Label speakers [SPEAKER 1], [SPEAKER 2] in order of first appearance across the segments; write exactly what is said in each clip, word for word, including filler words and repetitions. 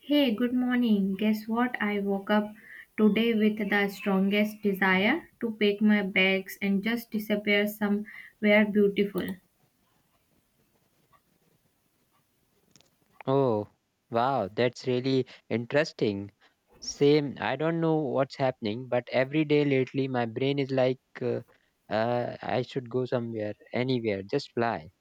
[SPEAKER 1] Hey, good morning. Guess what? I woke up today with the strongest desire to pack my bags and just disappear somewhere beautiful.
[SPEAKER 2] Oh, wow, that's really interesting. Same, I don't know what's happening, but every day lately my brain is like, uh, uh, I should go somewhere, anywhere, just fly.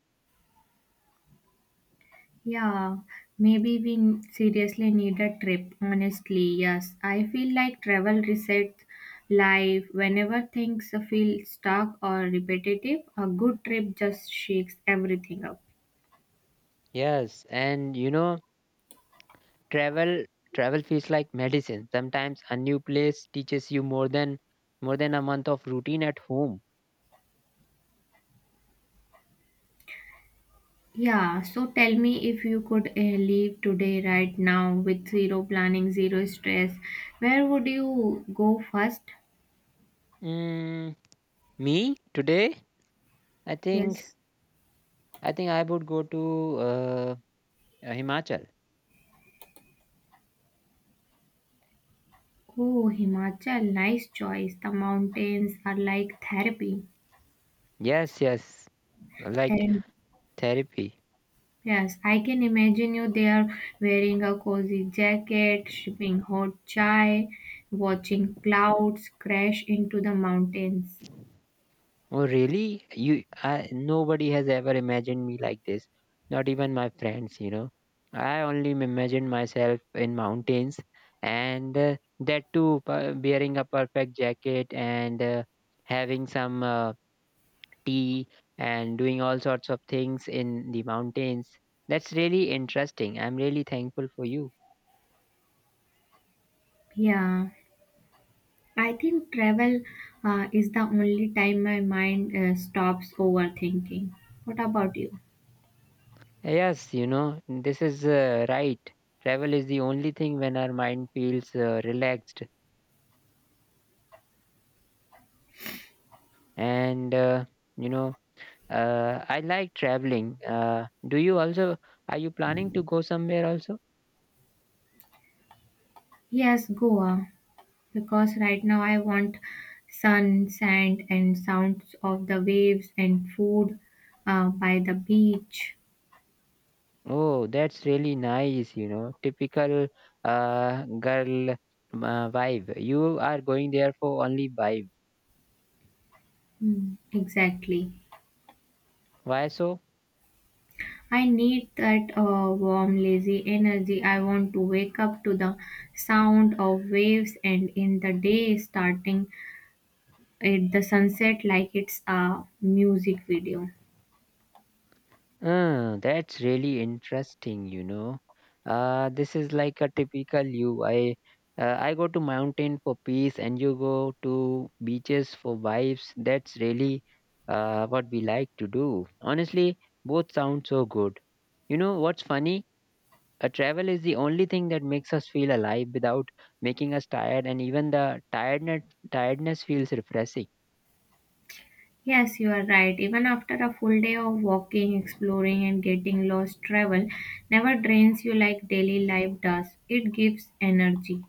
[SPEAKER 1] Yeah, maybe we n- seriously need a trip. Honestly, yes. I feel like travel resets life. Whenever things feel stuck or repetitive, a good trip just shakes everything up.
[SPEAKER 2] Yes, and you know, travel travel feels like medicine. Sometimes a new place teaches you more than more than a month of routine at home.
[SPEAKER 1] Yeah, so tell me if you could uh, leave today, right now, with zero planning, zero stress, where would you go first?
[SPEAKER 2] Mm, me today, I think
[SPEAKER 1] Yes.
[SPEAKER 2] I think I would go to uh, Himachal.
[SPEAKER 1] Oh, Himachal, nice choice. The mountains are like therapy.
[SPEAKER 2] Yes, yes, like
[SPEAKER 1] And
[SPEAKER 2] therapy.
[SPEAKER 1] yes, I can imagine you there wearing a cozy jacket, sipping hot chai, watching clouds crash into the mountains.
[SPEAKER 2] Oh, really? You, I, nobody has ever imagined me like this. Not even my friends, you know. I only m- imagined myself in mountains, and uh, that too, p- wearing a perfect jacket and uh, having some uh, tea and doing all sorts of things in the mountains. That's really interesting. I'm really thankful for you.
[SPEAKER 1] Yeah, I think travel uh, is the only time my mind uh, stops overthinking. What about you?
[SPEAKER 2] Yes, you know, this is uh, right. Travel is the only thing when our mind feels uh, relaxed and uh, you know Uh, I like traveling. Uh, do you also, are you planning to go somewhere also?
[SPEAKER 1] Yes, Goa, because right now I want sun, sand, and sounds of the waves and food uh, by the beach.
[SPEAKER 2] Oh, that's really nice, you know, typical uh, girl uh, vibe. You are going there for only vibe.
[SPEAKER 1] Hmm, exactly.
[SPEAKER 2] Why so?
[SPEAKER 1] I need that uh, warm, lazy energy. I want to wake up to the sound of waves and in the day starting at the sunset like it's a music video.
[SPEAKER 2] Uh, that's really interesting, you know. Uh, this is like a typical you. I uh, I go to mountain for peace and you go to beaches for vibes. That's really uh, what we like to do. Honestly, both sound so good. You know what's funny? A travel is the only thing that makes us feel alive without making us tired, and even the tiredness tiredness feels refreshing.
[SPEAKER 1] Yes, you are right. Even after a full day of walking, exploring, and getting lost, travel never drains you like daily life does. It gives energy.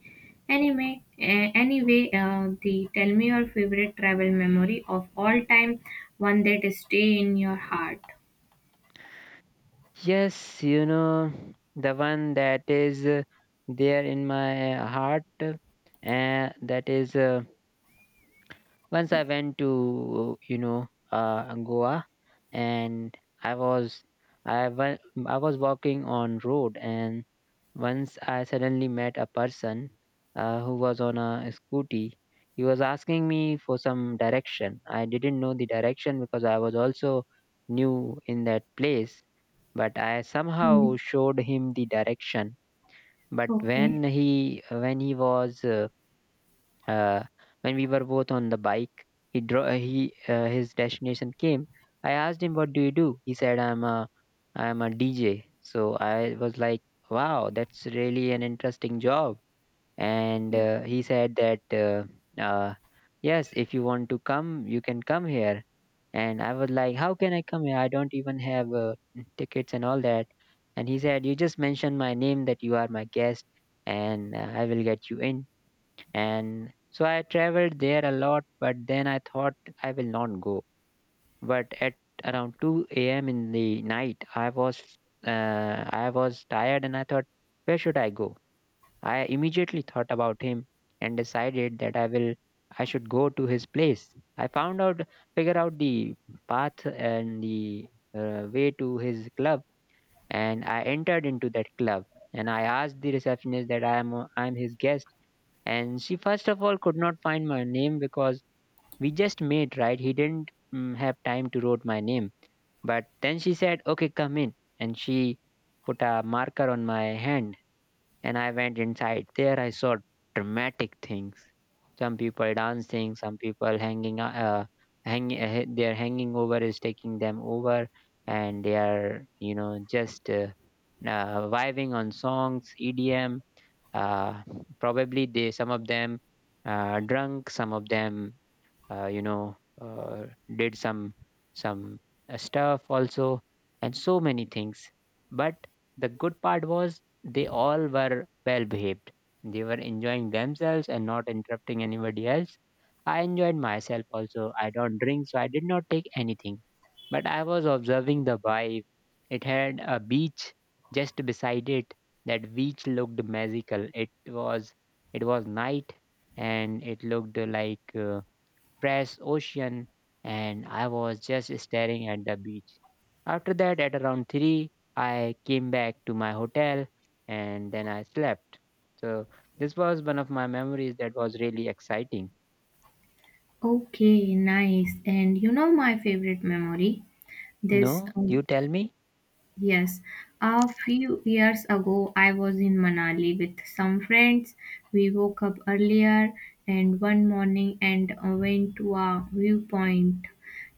[SPEAKER 1] Anyway, eh, anyway, uh, the tell me your favorite travel memory of all time, one that stay in your heart.
[SPEAKER 2] Yes, you know the one that is uh, there in my heart, uh, and that is uh, once I went to you know uh, Goa, and I was I went, I was walking on road, and Once I suddenly met a person uh, who was on a scooty. He was asking me for some direction. I didn't know the direction because I was also new in that place, but I
[SPEAKER 1] Hmm.
[SPEAKER 2] somehow showed him the direction. But when
[SPEAKER 1] Okay.
[SPEAKER 2] he when he was uh, uh, when we were both on the bike, he dro- uh, he uh, his destination came. I asked him, "What do you do?" He said, "I'm a I'm a D J." So I was like, "Wow, that's really an interesting job." And uh, he said that, uh, uh, "Yes, if you want to come, you can come here." And I was like, "How can I come here? I don't even have uh, tickets and all that." And he said, "You just mention my name that you are my guest, and uh, I will get you in." and so I traveled there a lot, but then I thought I will not go. But at around two a m in the night, I was uh, I was tired, and I thought, where should I go? I immediately thought about him and decided that I will I should go to his place. I found out, figure out the path and the uh, way to his club, and I entered into that club. And I asked the receptionist that I am I am his guest, and she first of all could not find my name because we just met, right? He didn't mm, have time to write my name, but then she said, "Okay, come in," and she put a marker on my hand, and I went inside. There I saw dramatic things, some people dancing, some people hanging o- uh, hang uh, their hanging over is taking them over, and they are, you know, just uh, uh, vibing on songs edm, uh, probably they, some of them uh, drunk, some of them, uh, you know uh, did some some uh, stuff also, and so many things. But the good part was they all were well behaved. They were enjoying themselves and not interrupting anybody else. I enjoyed myself also. I don't drink so I did not take anything, but I was observing the vibe. It had a beach just beside it. That beach looked magical. it was it was night, and it looked like uh, fresh ocean, and I was just staring at the beach. After that, at around three, I came back to my hotel and then I slept. So, this was one of my memories that was really exciting.
[SPEAKER 1] Okay, nice. And you know my favorite memory? This
[SPEAKER 2] No,
[SPEAKER 1] um,
[SPEAKER 2] you tell me?
[SPEAKER 1] Yes, a few years ago I was in Manali with some friends. We woke up earlier and one morning and uh, went to a viewpoint.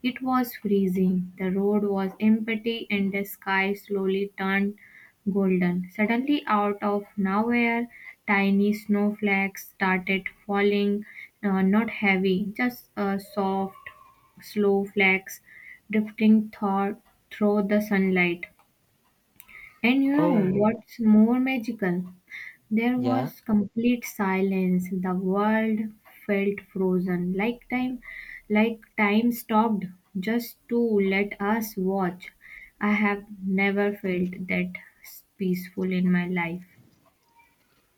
[SPEAKER 1] It was freezing. The road was empty and the sky slowly turned golden. Suddenly, out of nowhere, tiny snowflakes started falling, uh, not heavy, just uh, soft, slow flakes drifting thought through the sunlight. And you know
[SPEAKER 2] Oh,
[SPEAKER 1] what's more magical? There
[SPEAKER 2] yeah.
[SPEAKER 1] was complete silence. The world felt frozen, like time, like time stopped just to let us watch. I have never felt that peaceful in my life.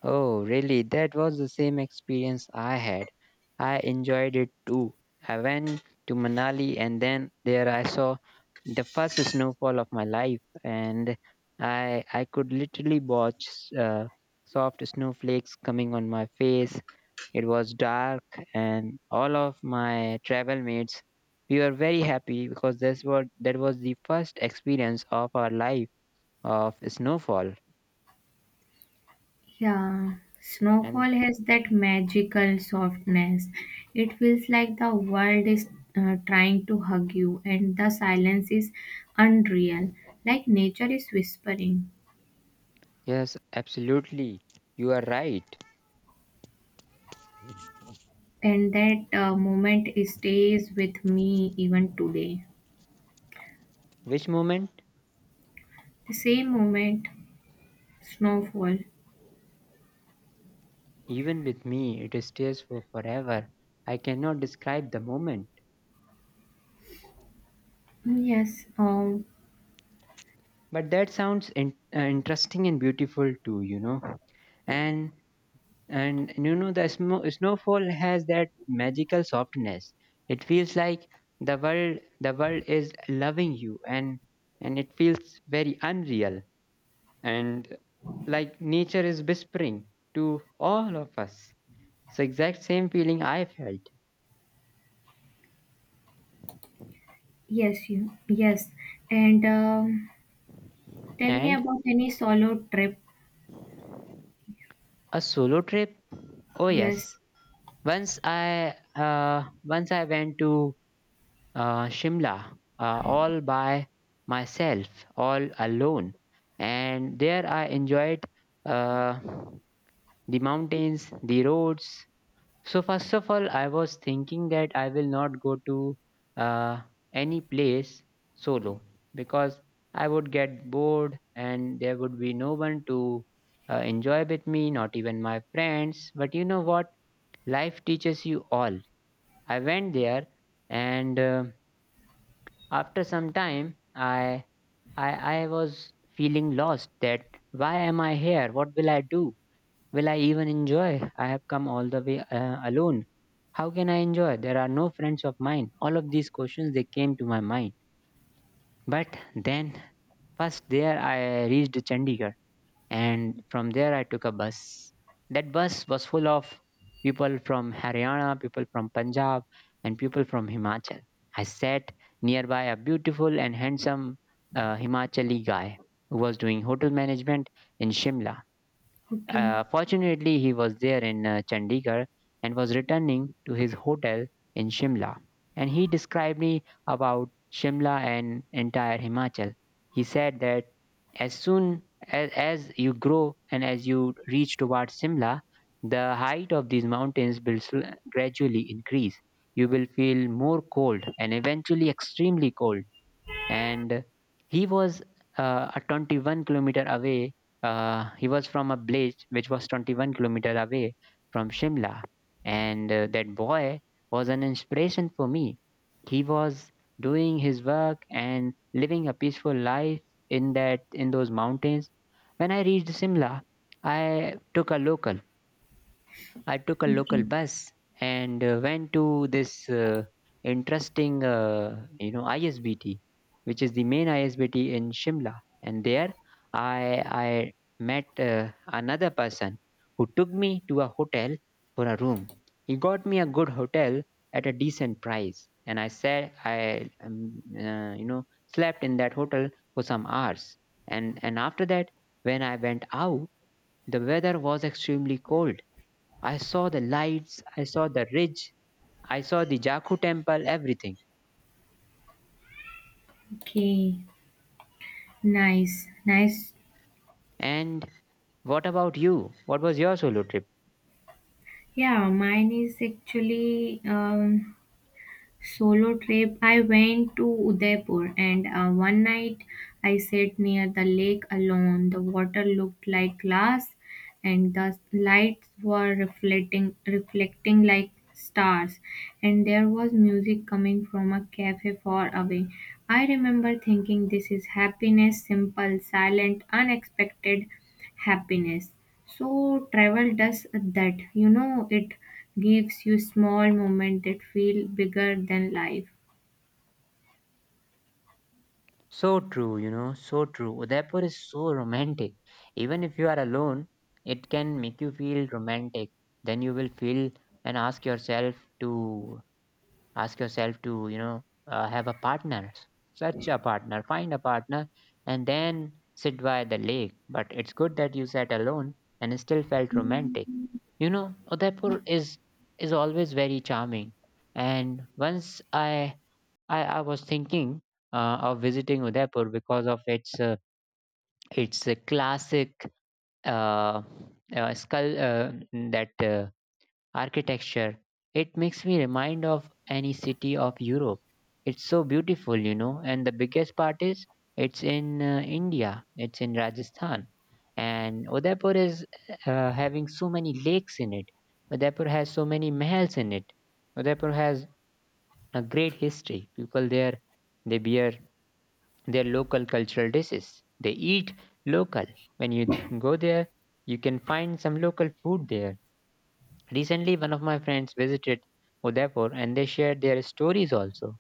[SPEAKER 2] Oh, really? That was the same experience I had. I enjoyed it too. I went to Manali and then there I saw the first snowfall of my life, and I I could literally watch uh, soft snowflakes coming on my face. It was dark, and all of my travel mates we were very happy because that's what that was the first experience of our life of snowfall
[SPEAKER 1] Yeah,
[SPEAKER 2] and
[SPEAKER 1] snowfall has that magical softness. It feels like the world is uh, trying to hug you, and the silence is unreal, like nature is whispering.
[SPEAKER 2] Yes, absolutely. You are right.
[SPEAKER 1] And that uh, moment stays with me even today.
[SPEAKER 2] Which moment?
[SPEAKER 1] The same moment, snowfall.
[SPEAKER 2] Even with me, it stays for forever. I cannot describe the moment,
[SPEAKER 1] Yes, um,
[SPEAKER 2] but that sounds in- uh, interesting and beautiful too. You know, and and you know the snow- snowfall has that magical softness. It feels like the world the world is loving you, and and it feels very unreal and like nature is whispering to all of us. So exact same feeling I felt.
[SPEAKER 1] yes, you, yes. And um, tell me
[SPEAKER 2] And
[SPEAKER 1] about any solo trip.
[SPEAKER 2] a solo trip? Oh yes.
[SPEAKER 1] Yes.
[SPEAKER 2] Once I uh, once I went to uh, Shimla uh, all by myself, all alone, and there I enjoyed uh, the mountains, the roads. So first of all, I was thinking that I will not go to uh, any place solo because I would get bored and there would be no one to uh, enjoy with me, not even my friends. But you know what? Life teaches you all. I went there, and uh, after some time, I I I was feeling lost. That, why am I here? What will I do? Will I even enjoy? I have come all the way uh, alone. How can I enjoy? There are no friends of mine. All of these questions they came to my mind. But then first there I reached Chandigarh, and from there I took a bus. That bus was full of people from Haryana, people from Punjab and people from Himachal. I sat nearby a beautiful and handsome uh, Himachali guy who was doing hotel management in Shimla.
[SPEAKER 1] Okay.
[SPEAKER 2] Uh, fortunately, he was there in uh, Chandigarh and was returning to his hotel in Shimla. And he described me about Shimla and entire Himachal. He said that as soon as, as you grow and as you reach towards Shimla, the height of these mountains will sl- gradually increase. You will feel more cold and eventually extremely cold. And he was uh, a twenty-one kilometer away, uh, he was from a village which was twenty-one kilometer away from Shimla. And uh, that boy was an inspiration for me. He was doing his work and living a peaceful life in that in those mountains. When I reached Shimla, i took a local I took a local
[SPEAKER 1] Okay.
[SPEAKER 2] bus and uh, went to this uh, interesting, uh, you know, I S B T, which is the main I S B T in Shimla. And there, I I met uh, another person who took me to a hotel for a room. He got me a good hotel at a decent price, and I said I, um, uh, you know, slept in that hotel for some hours. And and after that, when I went out, the weather was extremely cold. I saw the lights, I saw the ridge, I saw the Jakku temple, everything.
[SPEAKER 1] Okay. Nice. Nice.
[SPEAKER 2] And what about you? What was your solo trip?
[SPEAKER 1] Yeah, mine is actually um, Solo trip. I went to Udaipur and uh, one night I sat near the lake alone. The water looked like glass and the lights were reflecting reflecting like stars and there was music coming from a cafe far away. I remember thinking this is happiness, simple, silent, unexpected happiness. So travel does that. You know, it gives you small moments that feel bigger than life.
[SPEAKER 2] So true, you know, so true. Udaipur is so romantic. Even if you are alone, it can make you feel romantic. Then you will feel and ask yourself to ask yourself to, you know, uh, have a partner. Such a partner, find a partner and then sit by the lake. But it's good that you sat alone and still felt romantic. You know, Udaipur is is always very charming. And once I I, I was thinking uh, of visiting Udaipur because of its uh, its uh, classic uh, uh, skull uh, that uh, architecture. It makes me remind of any city of Europe. It's so beautiful, you know. And the biggest part is it's in uh, India. It's in Rajasthan, and Udaipur is uh, having so many lakes in it. Udaipur has so many mahals in it. Udaipur has a great history. People there, they bear their local cultural dishes. They eat local. When you d- go there, you can find some local food there. Recently, one of my friends visited Udaipur and they shared their stories also.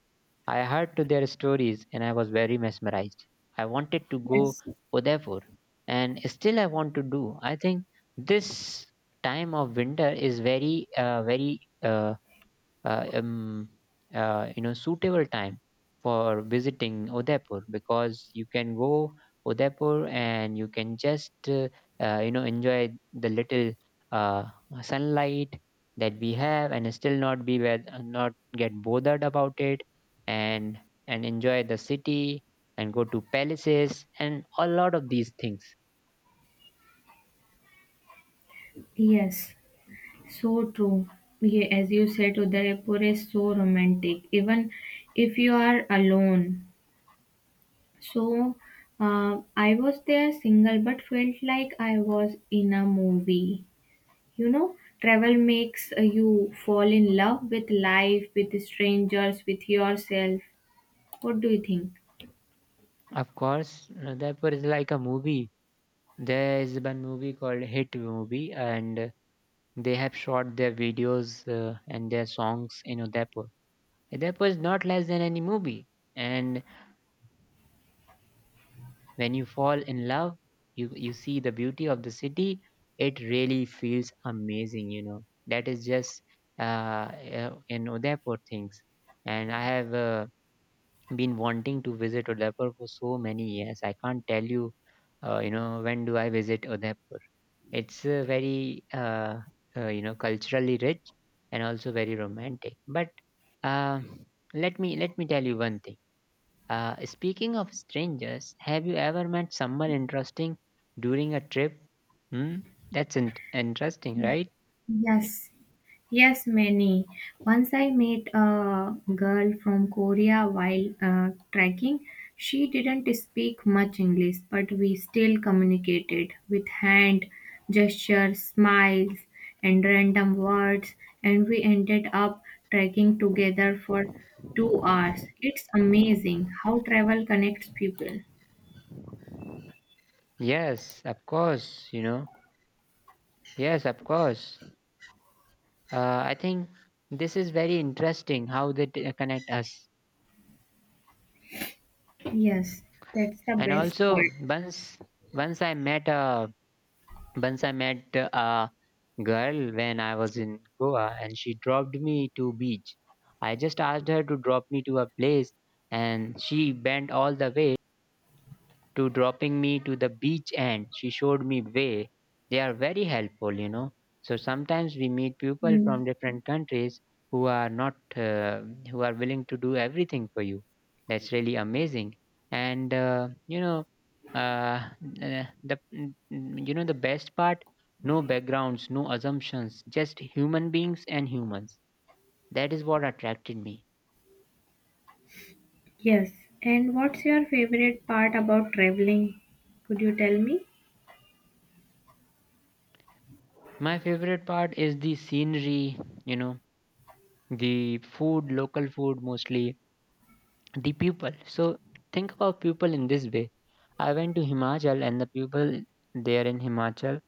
[SPEAKER 2] I heard to their stories and I was very mesmerized. I wanted to go
[SPEAKER 1] Yes,
[SPEAKER 2] Udaipur and still I want to do. I think this time of winter is very uh, very uh, uh, um, uh, you know suitable time for visiting Udaipur because you can go Udaipur and you can just uh, uh, you know enjoy the little uh, sunlight that we have and still not be where, not get bothered about it and and enjoy the city and go to palaces and a lot of these things.
[SPEAKER 1] yes, so true. Yeah, as you said, Udaipur is so romantic, even if you are alone. So, uh, I was there single, but felt like I was in a movie. You know, travel makes uh, you fall in love with life, with strangers, with yourself. What do you think?
[SPEAKER 2] Of course, Udaipur is like a movie. There is one movie called Hit Movie, and they have shot their videos uh, and their songs in Udaipur. Udaipur is not less than any movie. And when you fall in love, you, you see the beauty of the city. It really feels amazing, you know. That is just uh, uh, in Udaipur things. And I have uh, been wanting to visit Udaipur for so many years. I can't tell you, uh, you know, when do I visit Udaipur. It's a very uh, uh, you know culturally rich and also very romantic. But uh, let me let me tell you one thing. Uh, speaking of strangers, have you ever met someone interesting during a trip? Hmm? That's in- interesting, right?
[SPEAKER 1] Yes, yes, many. Once I met a girl from Korea while uh, trekking. She didn't speak much English, but we still communicated with hand gestures, smiles, and random words, and we ended up trekking together for two hours. It's amazing how travel connects people.
[SPEAKER 2] Yes, of course. You know, yes, of course. Uh, I think this is very interesting how they t- uh, connect us.
[SPEAKER 1] Yes, that's the
[SPEAKER 2] And
[SPEAKER 1] best
[SPEAKER 2] also, once once I met a once I met uh, girl when I was in Goa and she dropped me to beach. I just asked her to drop me to a place and she bent all the way to dropping me to the beach and she showed me way. They are very helpful, you know. So sometimes we meet people from
[SPEAKER 1] part.
[SPEAKER 2] different countries who are not uh, who are willing to do everything for you. That's really amazing. And uh, you know uh, uh, the mm, mm, you know the best part, no backgrounds, no assumptions, just human beings and humans. That is what attracted me.
[SPEAKER 1] Yes. And what's your favorite part about traveling? Could you tell me?
[SPEAKER 2] My favorite part is the scenery, you know, the food, local food mostly, the people. So think about people in this way. I went to Himachal and the people there in Himachal,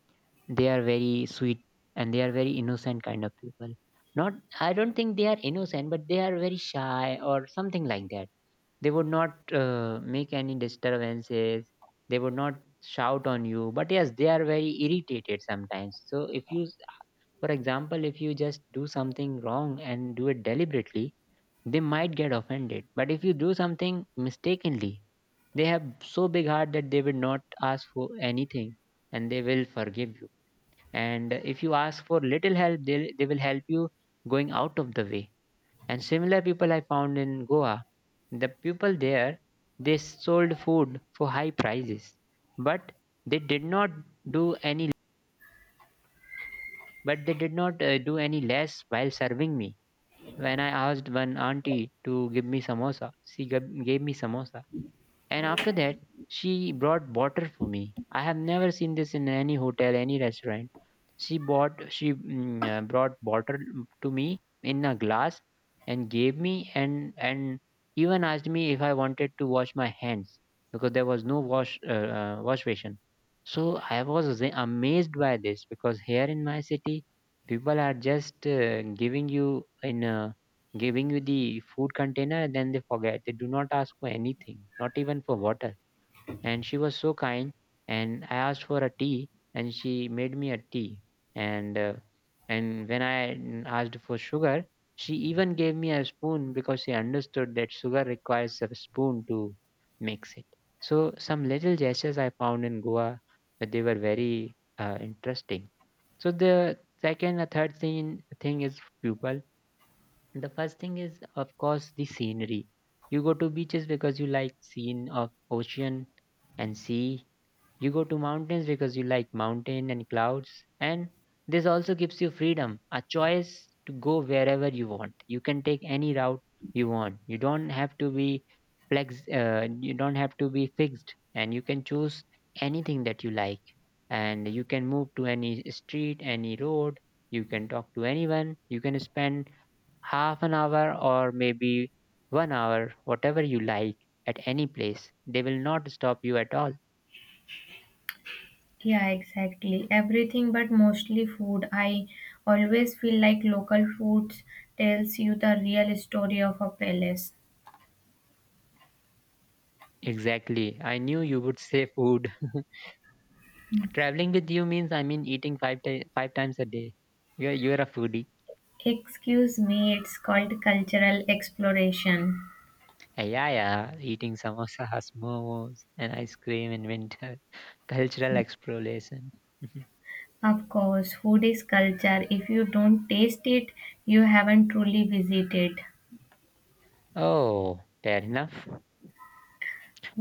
[SPEAKER 2] they are very sweet and they are very innocent kind of people. Not, I don't think they are innocent, but they are very shy or something like that. They would not uh, make any disturbances. They would not shout on you. But yes, they are very irritated sometimes. So if you, for example, if you just do something wrong and do it deliberately, they might get offended. But if you do something mistakenly, they have so big heart that they will not ask for anything and they will forgive you. And if you ask for little help, they they will help you going out of the way. And similar people I found in Goa, the people there they sold food for high prices, but they did not do any but they did not uh, do any less while serving me. When I asked one auntie to give me samosa, she gab- gave me samosa. And after that, she brought water for me. I have never seen this in any hotel, any restaurant. She bought, she mm, uh, brought water to me in a glass and gave me, and and even asked me if I wanted to wash my hands because there was no wash uh, uh, wash basin. So I was aza- amazed by this because here in my city, people are just uh, giving you in. a giving you the food container, then they forget, they do not ask for anything, not even for water. And she was so kind, and I asked for a tea, and she made me a tea, and uh, and when I mm, asked for sugar, she even gave me a spoon because she understood that sugar requires a spoon to mix it. So some little gestures I found in Goa, but they were very uh, interesting. So the second a third thing thing is people. The first thing is, of course, the scenery. You go to beaches because you like scene of ocean and sea. You go to mountains because you like mountain and clouds. And this also gives you freedom, a choice to go wherever you want. You can take any route you want. You don't have to be flex. Uh, you don't have to be fixed, and you can choose anything that you like. And you can move to any street, any road. You can talk to anyone. You can spend half an hour or maybe one hour, whatever you like, at any place. They will not stop you at all.
[SPEAKER 1] Yeah, exactly. Everything but mostly food. I always feel like local foods tells you the real story of a place.
[SPEAKER 2] Exactly. I knew you would say food. Traveling with you means I mean eating five ti- five times a day. You're you're a foodie.
[SPEAKER 1] Excuse me, it's called cultural exploration.
[SPEAKER 2] Uh, Yeah, yeah. Eating samosas, momos, and ice cream in winter. Cultural exploration.
[SPEAKER 1] Of course, food is culture. If you don't taste it, you haven't truly visited.
[SPEAKER 2] Oh, fair enough.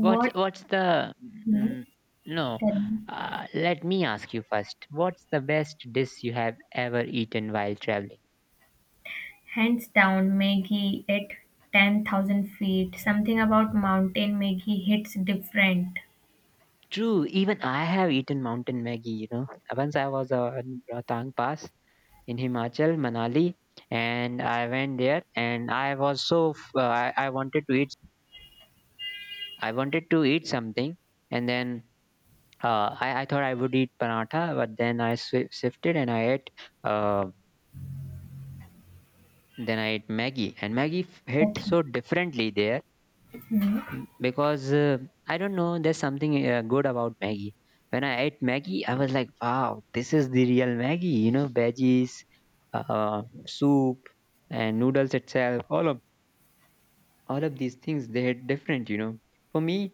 [SPEAKER 2] What's what's the
[SPEAKER 1] Hmm?
[SPEAKER 2] mm, no?
[SPEAKER 1] Tell me.
[SPEAKER 2] Uh, let me ask you first. What's the best dish you have ever eaten while traveling?
[SPEAKER 1] Hands down, Maggie at ten thousand feet. Something about mountain Maggie hits different.
[SPEAKER 2] True, even I have eaten mountain Maggie. You know, once I was on Rohtang Pass in Himachal, Manali, and I went there, and I was so f- uh, I, I wanted to eat, I wanted to eat something, and then uh, I I thought I would eat paratha, but then I swi shifted and I ate. uh, Then I ate Maggie, and Maggie f- hit
[SPEAKER 1] Okay.
[SPEAKER 2] so differently there m- because uh, I don't know. There's something uh, good about Maggie. When I ate Maggie, I was like, "Wow, this is the real Maggie." You know, veggies, uh, soup, and noodles itself. All of all of these things they hit different. You know, for me,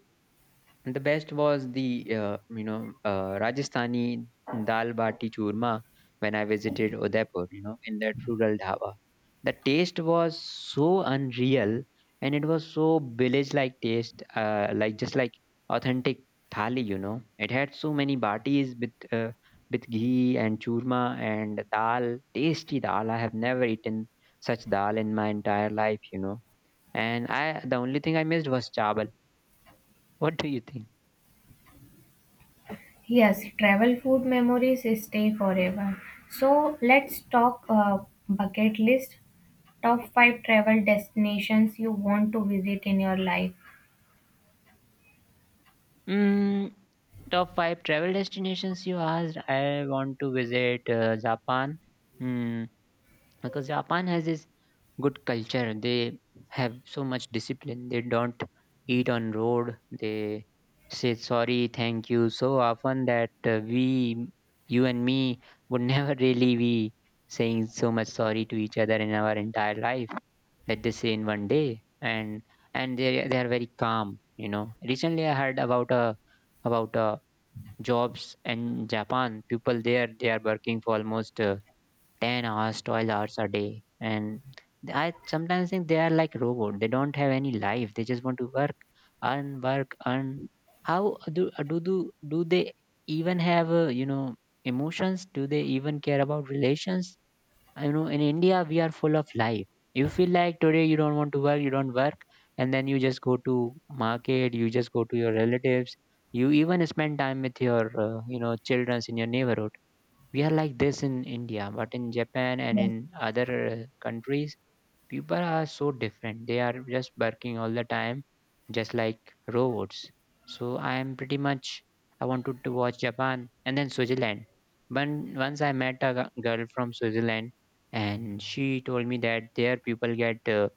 [SPEAKER 2] the best was the uh, you know uh, Rajasthani dal bati churma when I visited Udaipur. You know, in that rural dhaba, the taste was so unreal, and it was so village like taste, uh, like just like authentic thali. You know, it had so many batis with uh, with ghee and churma and dal, tasty dal. I have never eaten such dal in my entire life. You know, and I, the only thing I missed was chawal. What do you think?
[SPEAKER 1] Yes, travel food memories stay forever. So let's talk uh, bucket list. Top five travel destinations you want to visit in your life.
[SPEAKER 2] Mm, top five travel destinations you asked. I want to visit uh, Japan. Mm, because Japan has this good culture. They have so much discipline. They don't eat on road. They say sorry, thank you so often that uh, we, you and me, would never really be saying so much sorry to each other in our entire life that they say in one day. And and they they are very calm, you know. Recently I heard about a about a jobs in Japan. People there, they are working for almost uh, ten hours, twelve hours a day. And I sometimes think they are like robot. They don't have any life. They just want to work, earn, work, earn. How do do do, do they even have uh, you know emotions? Do they even care about relations? You know, in India we are full of life. You feel like today you don't want to work, you don't work, and then you just go to market, you just go to your relatives. You even spend time with your uh, you know childrens in your neighborhood. We are like this in India, but in Japan and
[SPEAKER 1] Yes.
[SPEAKER 2] in other uh, countries people are so different. They are just barking all the time, just like robots. So I am pretty much, I wanted to watch Japan, and then Switzerland. When once I met a g- girl from Switzerland, and she told me that their people get uh,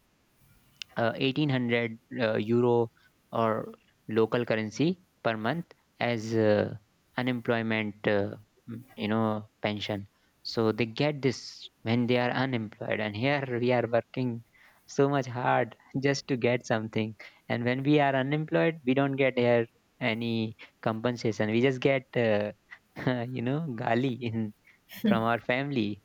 [SPEAKER 2] uh, eighteen hundred uh, euro or local currency per month as uh, unemployment uh, m- you know pension. So they get this when they are unemployed, and here we are working so much hard just to get something. And when we are unemployed we don't get here any compensation. We just get uh, you know, gali in from our family.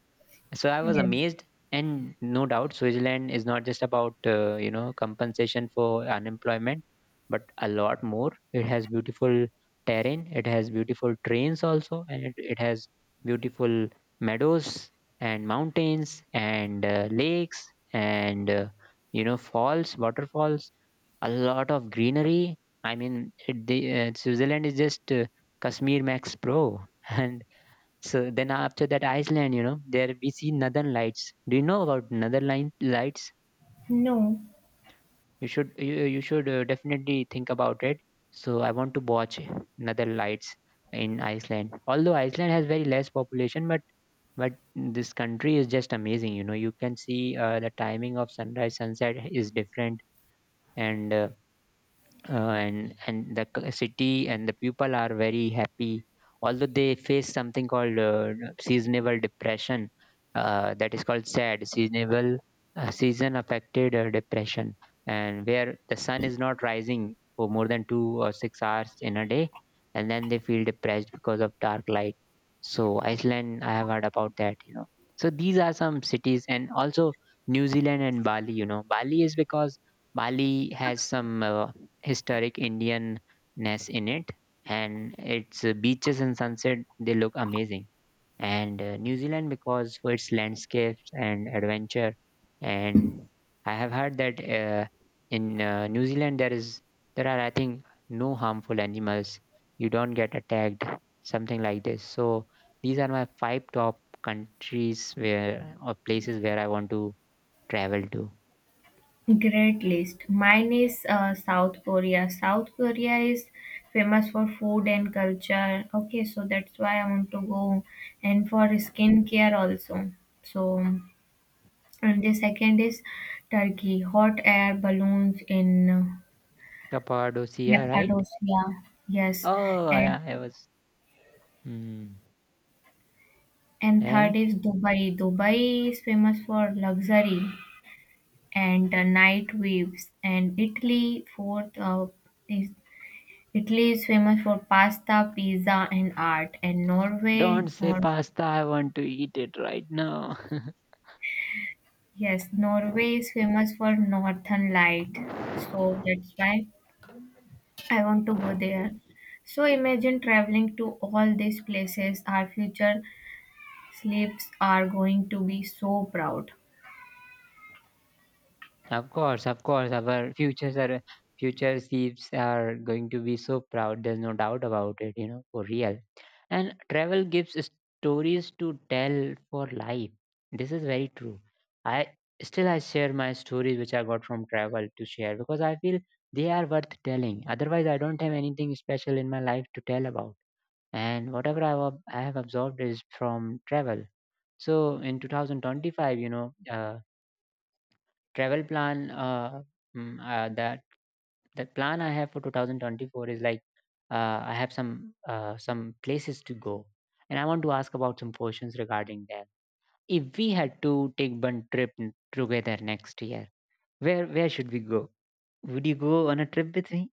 [SPEAKER 2] So I was
[SPEAKER 1] Yes.
[SPEAKER 2] amazed, and no doubt, Switzerland is not just about uh, you know compensation for unemployment, but a lot more. It has beautiful terrain, it has beautiful trains also, and it, it has beautiful meadows and mountains and uh, lakes and uh, you know falls, waterfalls, a lot of greenery. I mean, it, the, uh, Switzerland is just uh, Kashmir Max Pro, and so then after that Iceland. You know, there we see northern lights. Do you know about northern line lights?
[SPEAKER 1] No.
[SPEAKER 2] You should, you, you should uh, definitely think about it. So I want to watch northern lights in Iceland. Although Iceland has very less population, but but this country is just amazing. You know, you can see uh, the timing of sunrise sunset is different, and uh, uh, and and the c- city and the people are very happy, although they face something called uh, seasonal depression, uh, that is called sad seasonal uh, season affected uh, depression, and where the sun is not rising for more than two or six hours in a day, and then they feel depressed because of dark light. So Iceland, I have heard about that, you know. So these are some cities, and also New Zealand and Bali. You know, Bali is because Bali has some uh, historic Indianness in it, and its uh, beaches and sunset, they look amazing. And uh, New Zealand because for its landscapes and adventure. And I have heard that uh, in uh, New Zealand there is, there are I think no harmful animals. You don't get attacked, something like this. So these are my five top countries where or places where I want to travel to.
[SPEAKER 1] Great list. Mine is uh, South Korea. South Korea is famous for food and culture. Okay, so that's why I want to go, and for skincare also. So, and the second is Turkey. Hot air balloons in uh,
[SPEAKER 2] Cappadocia, right?
[SPEAKER 1] Cappadocia. Yes,
[SPEAKER 2] Oh
[SPEAKER 1] and
[SPEAKER 2] yeah, I was. Hmm.
[SPEAKER 1] and third
[SPEAKER 2] And
[SPEAKER 1] is Dubai. Dubai is famous for luxury and uh, night waves. And Italy, fourth uh, is Italy is famous for pasta, pizza, and art. And Norway,
[SPEAKER 2] don't say
[SPEAKER 1] Nor-
[SPEAKER 2] pasta, I want to eat it right now.
[SPEAKER 1] yes, Norway is famous for northern light. So that's why I want to go there. So imagine traveling to all these places. Our future sleeps are going to be so proud.
[SPEAKER 2] Of course, of course, our futures are future thieves are going to be so proud. There's no doubt about it, you know, for real. And travel gives stories to tell for life. This is very true. I still I share my stories which I got from travel to share because I feel they are worth telling. Otherwise, I don't have anything special in my life to tell about. And whatever I, have- I have absorbed is from travel. So in twenty twenty-five, you know, uh, travel plan, uh, mm, uh, that that plan I have for twenty twenty-four is like uh, I have some uh, some places to go, and I want to ask about some questions regarding them. If we had to take one trip n- together next year, where where should we go? Would you go on a trip with me?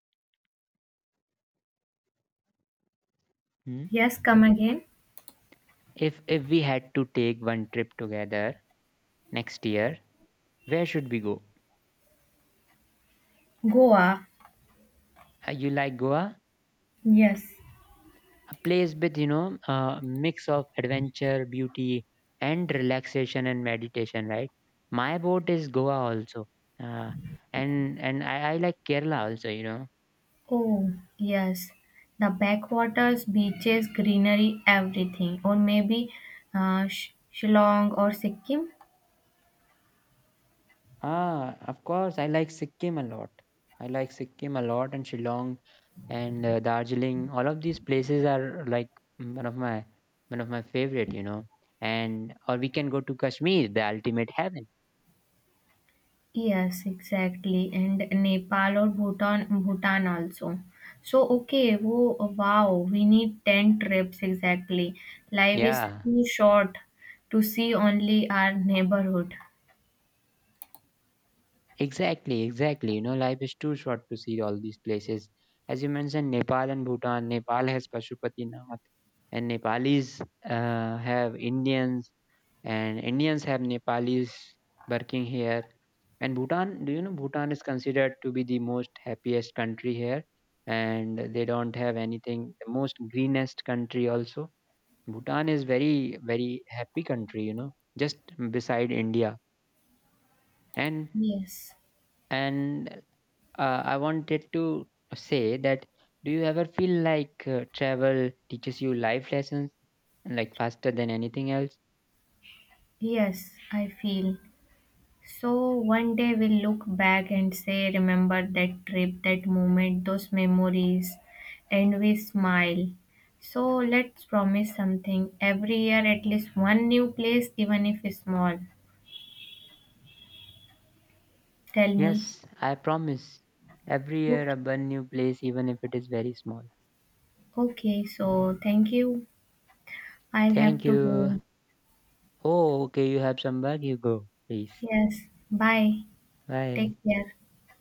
[SPEAKER 2] Hmm?
[SPEAKER 1] Yes, come again.
[SPEAKER 2] If if we had to take one trip together next year, where should we go?
[SPEAKER 1] Goa.
[SPEAKER 2] Uh, you like Goa?
[SPEAKER 1] Yes.
[SPEAKER 2] A place with, you know, a mix of adventure, beauty and relaxation and meditation, right? My boat is Goa also. uh, and and I, I like Kerala also, you know.
[SPEAKER 1] Oh, yes. The backwaters, beaches, greenery, everything. Or maybe uh, Sh- Shillong or Sikkim.
[SPEAKER 2] Ah, of course, I like Sikkim a lot. I like Sikkim a lot and Shillong and uh, Darjeeling. All of these places are like mm, one of my one of my favorite, you know. And or we can go to Kashmir, the ultimate heaven.
[SPEAKER 1] Yes, exactly. And Nepal or Bhutan, Bhutan also. So, okay, wo- wow, we need ten trips exactly. Life is
[SPEAKER 2] Yeah.
[SPEAKER 1] too short to see only our neighborhood.
[SPEAKER 2] Exactly, exactly. You know, life is too short to see all these places. As you mentioned, Nepal and Bhutan. Nepal has Pashupatinath, and Nepalis uh, have Indians, and Indians have Nepalis working here. And Bhutan, do you know Bhutan is considered to be the most happiest country here, and they don't have anything. The most greenest country also. Bhutan is very very happy country. You know, just beside India, and
[SPEAKER 1] Yes,
[SPEAKER 2] and uh, I wanted to say that do you ever feel like uh, travel teaches you life lessons like faster than anything else?
[SPEAKER 1] yes, I feel. So, one day we'll look back and say, remember that trip, that moment, those memories, and we smile. So, let's promise something every year, at least one new place, even if small. Tell me.
[SPEAKER 2] Yes, I promise. Every year I
[SPEAKER 1] Okay,
[SPEAKER 2] burn new place even if it is very small.
[SPEAKER 1] okay, so thank you. I'll have
[SPEAKER 2] Thank
[SPEAKER 1] to
[SPEAKER 2] you.
[SPEAKER 1] go.
[SPEAKER 2] Oh, okay, you have some work, you go. Please.
[SPEAKER 1] Yes, bye. Take
[SPEAKER 2] Bye.
[SPEAKER 1] care.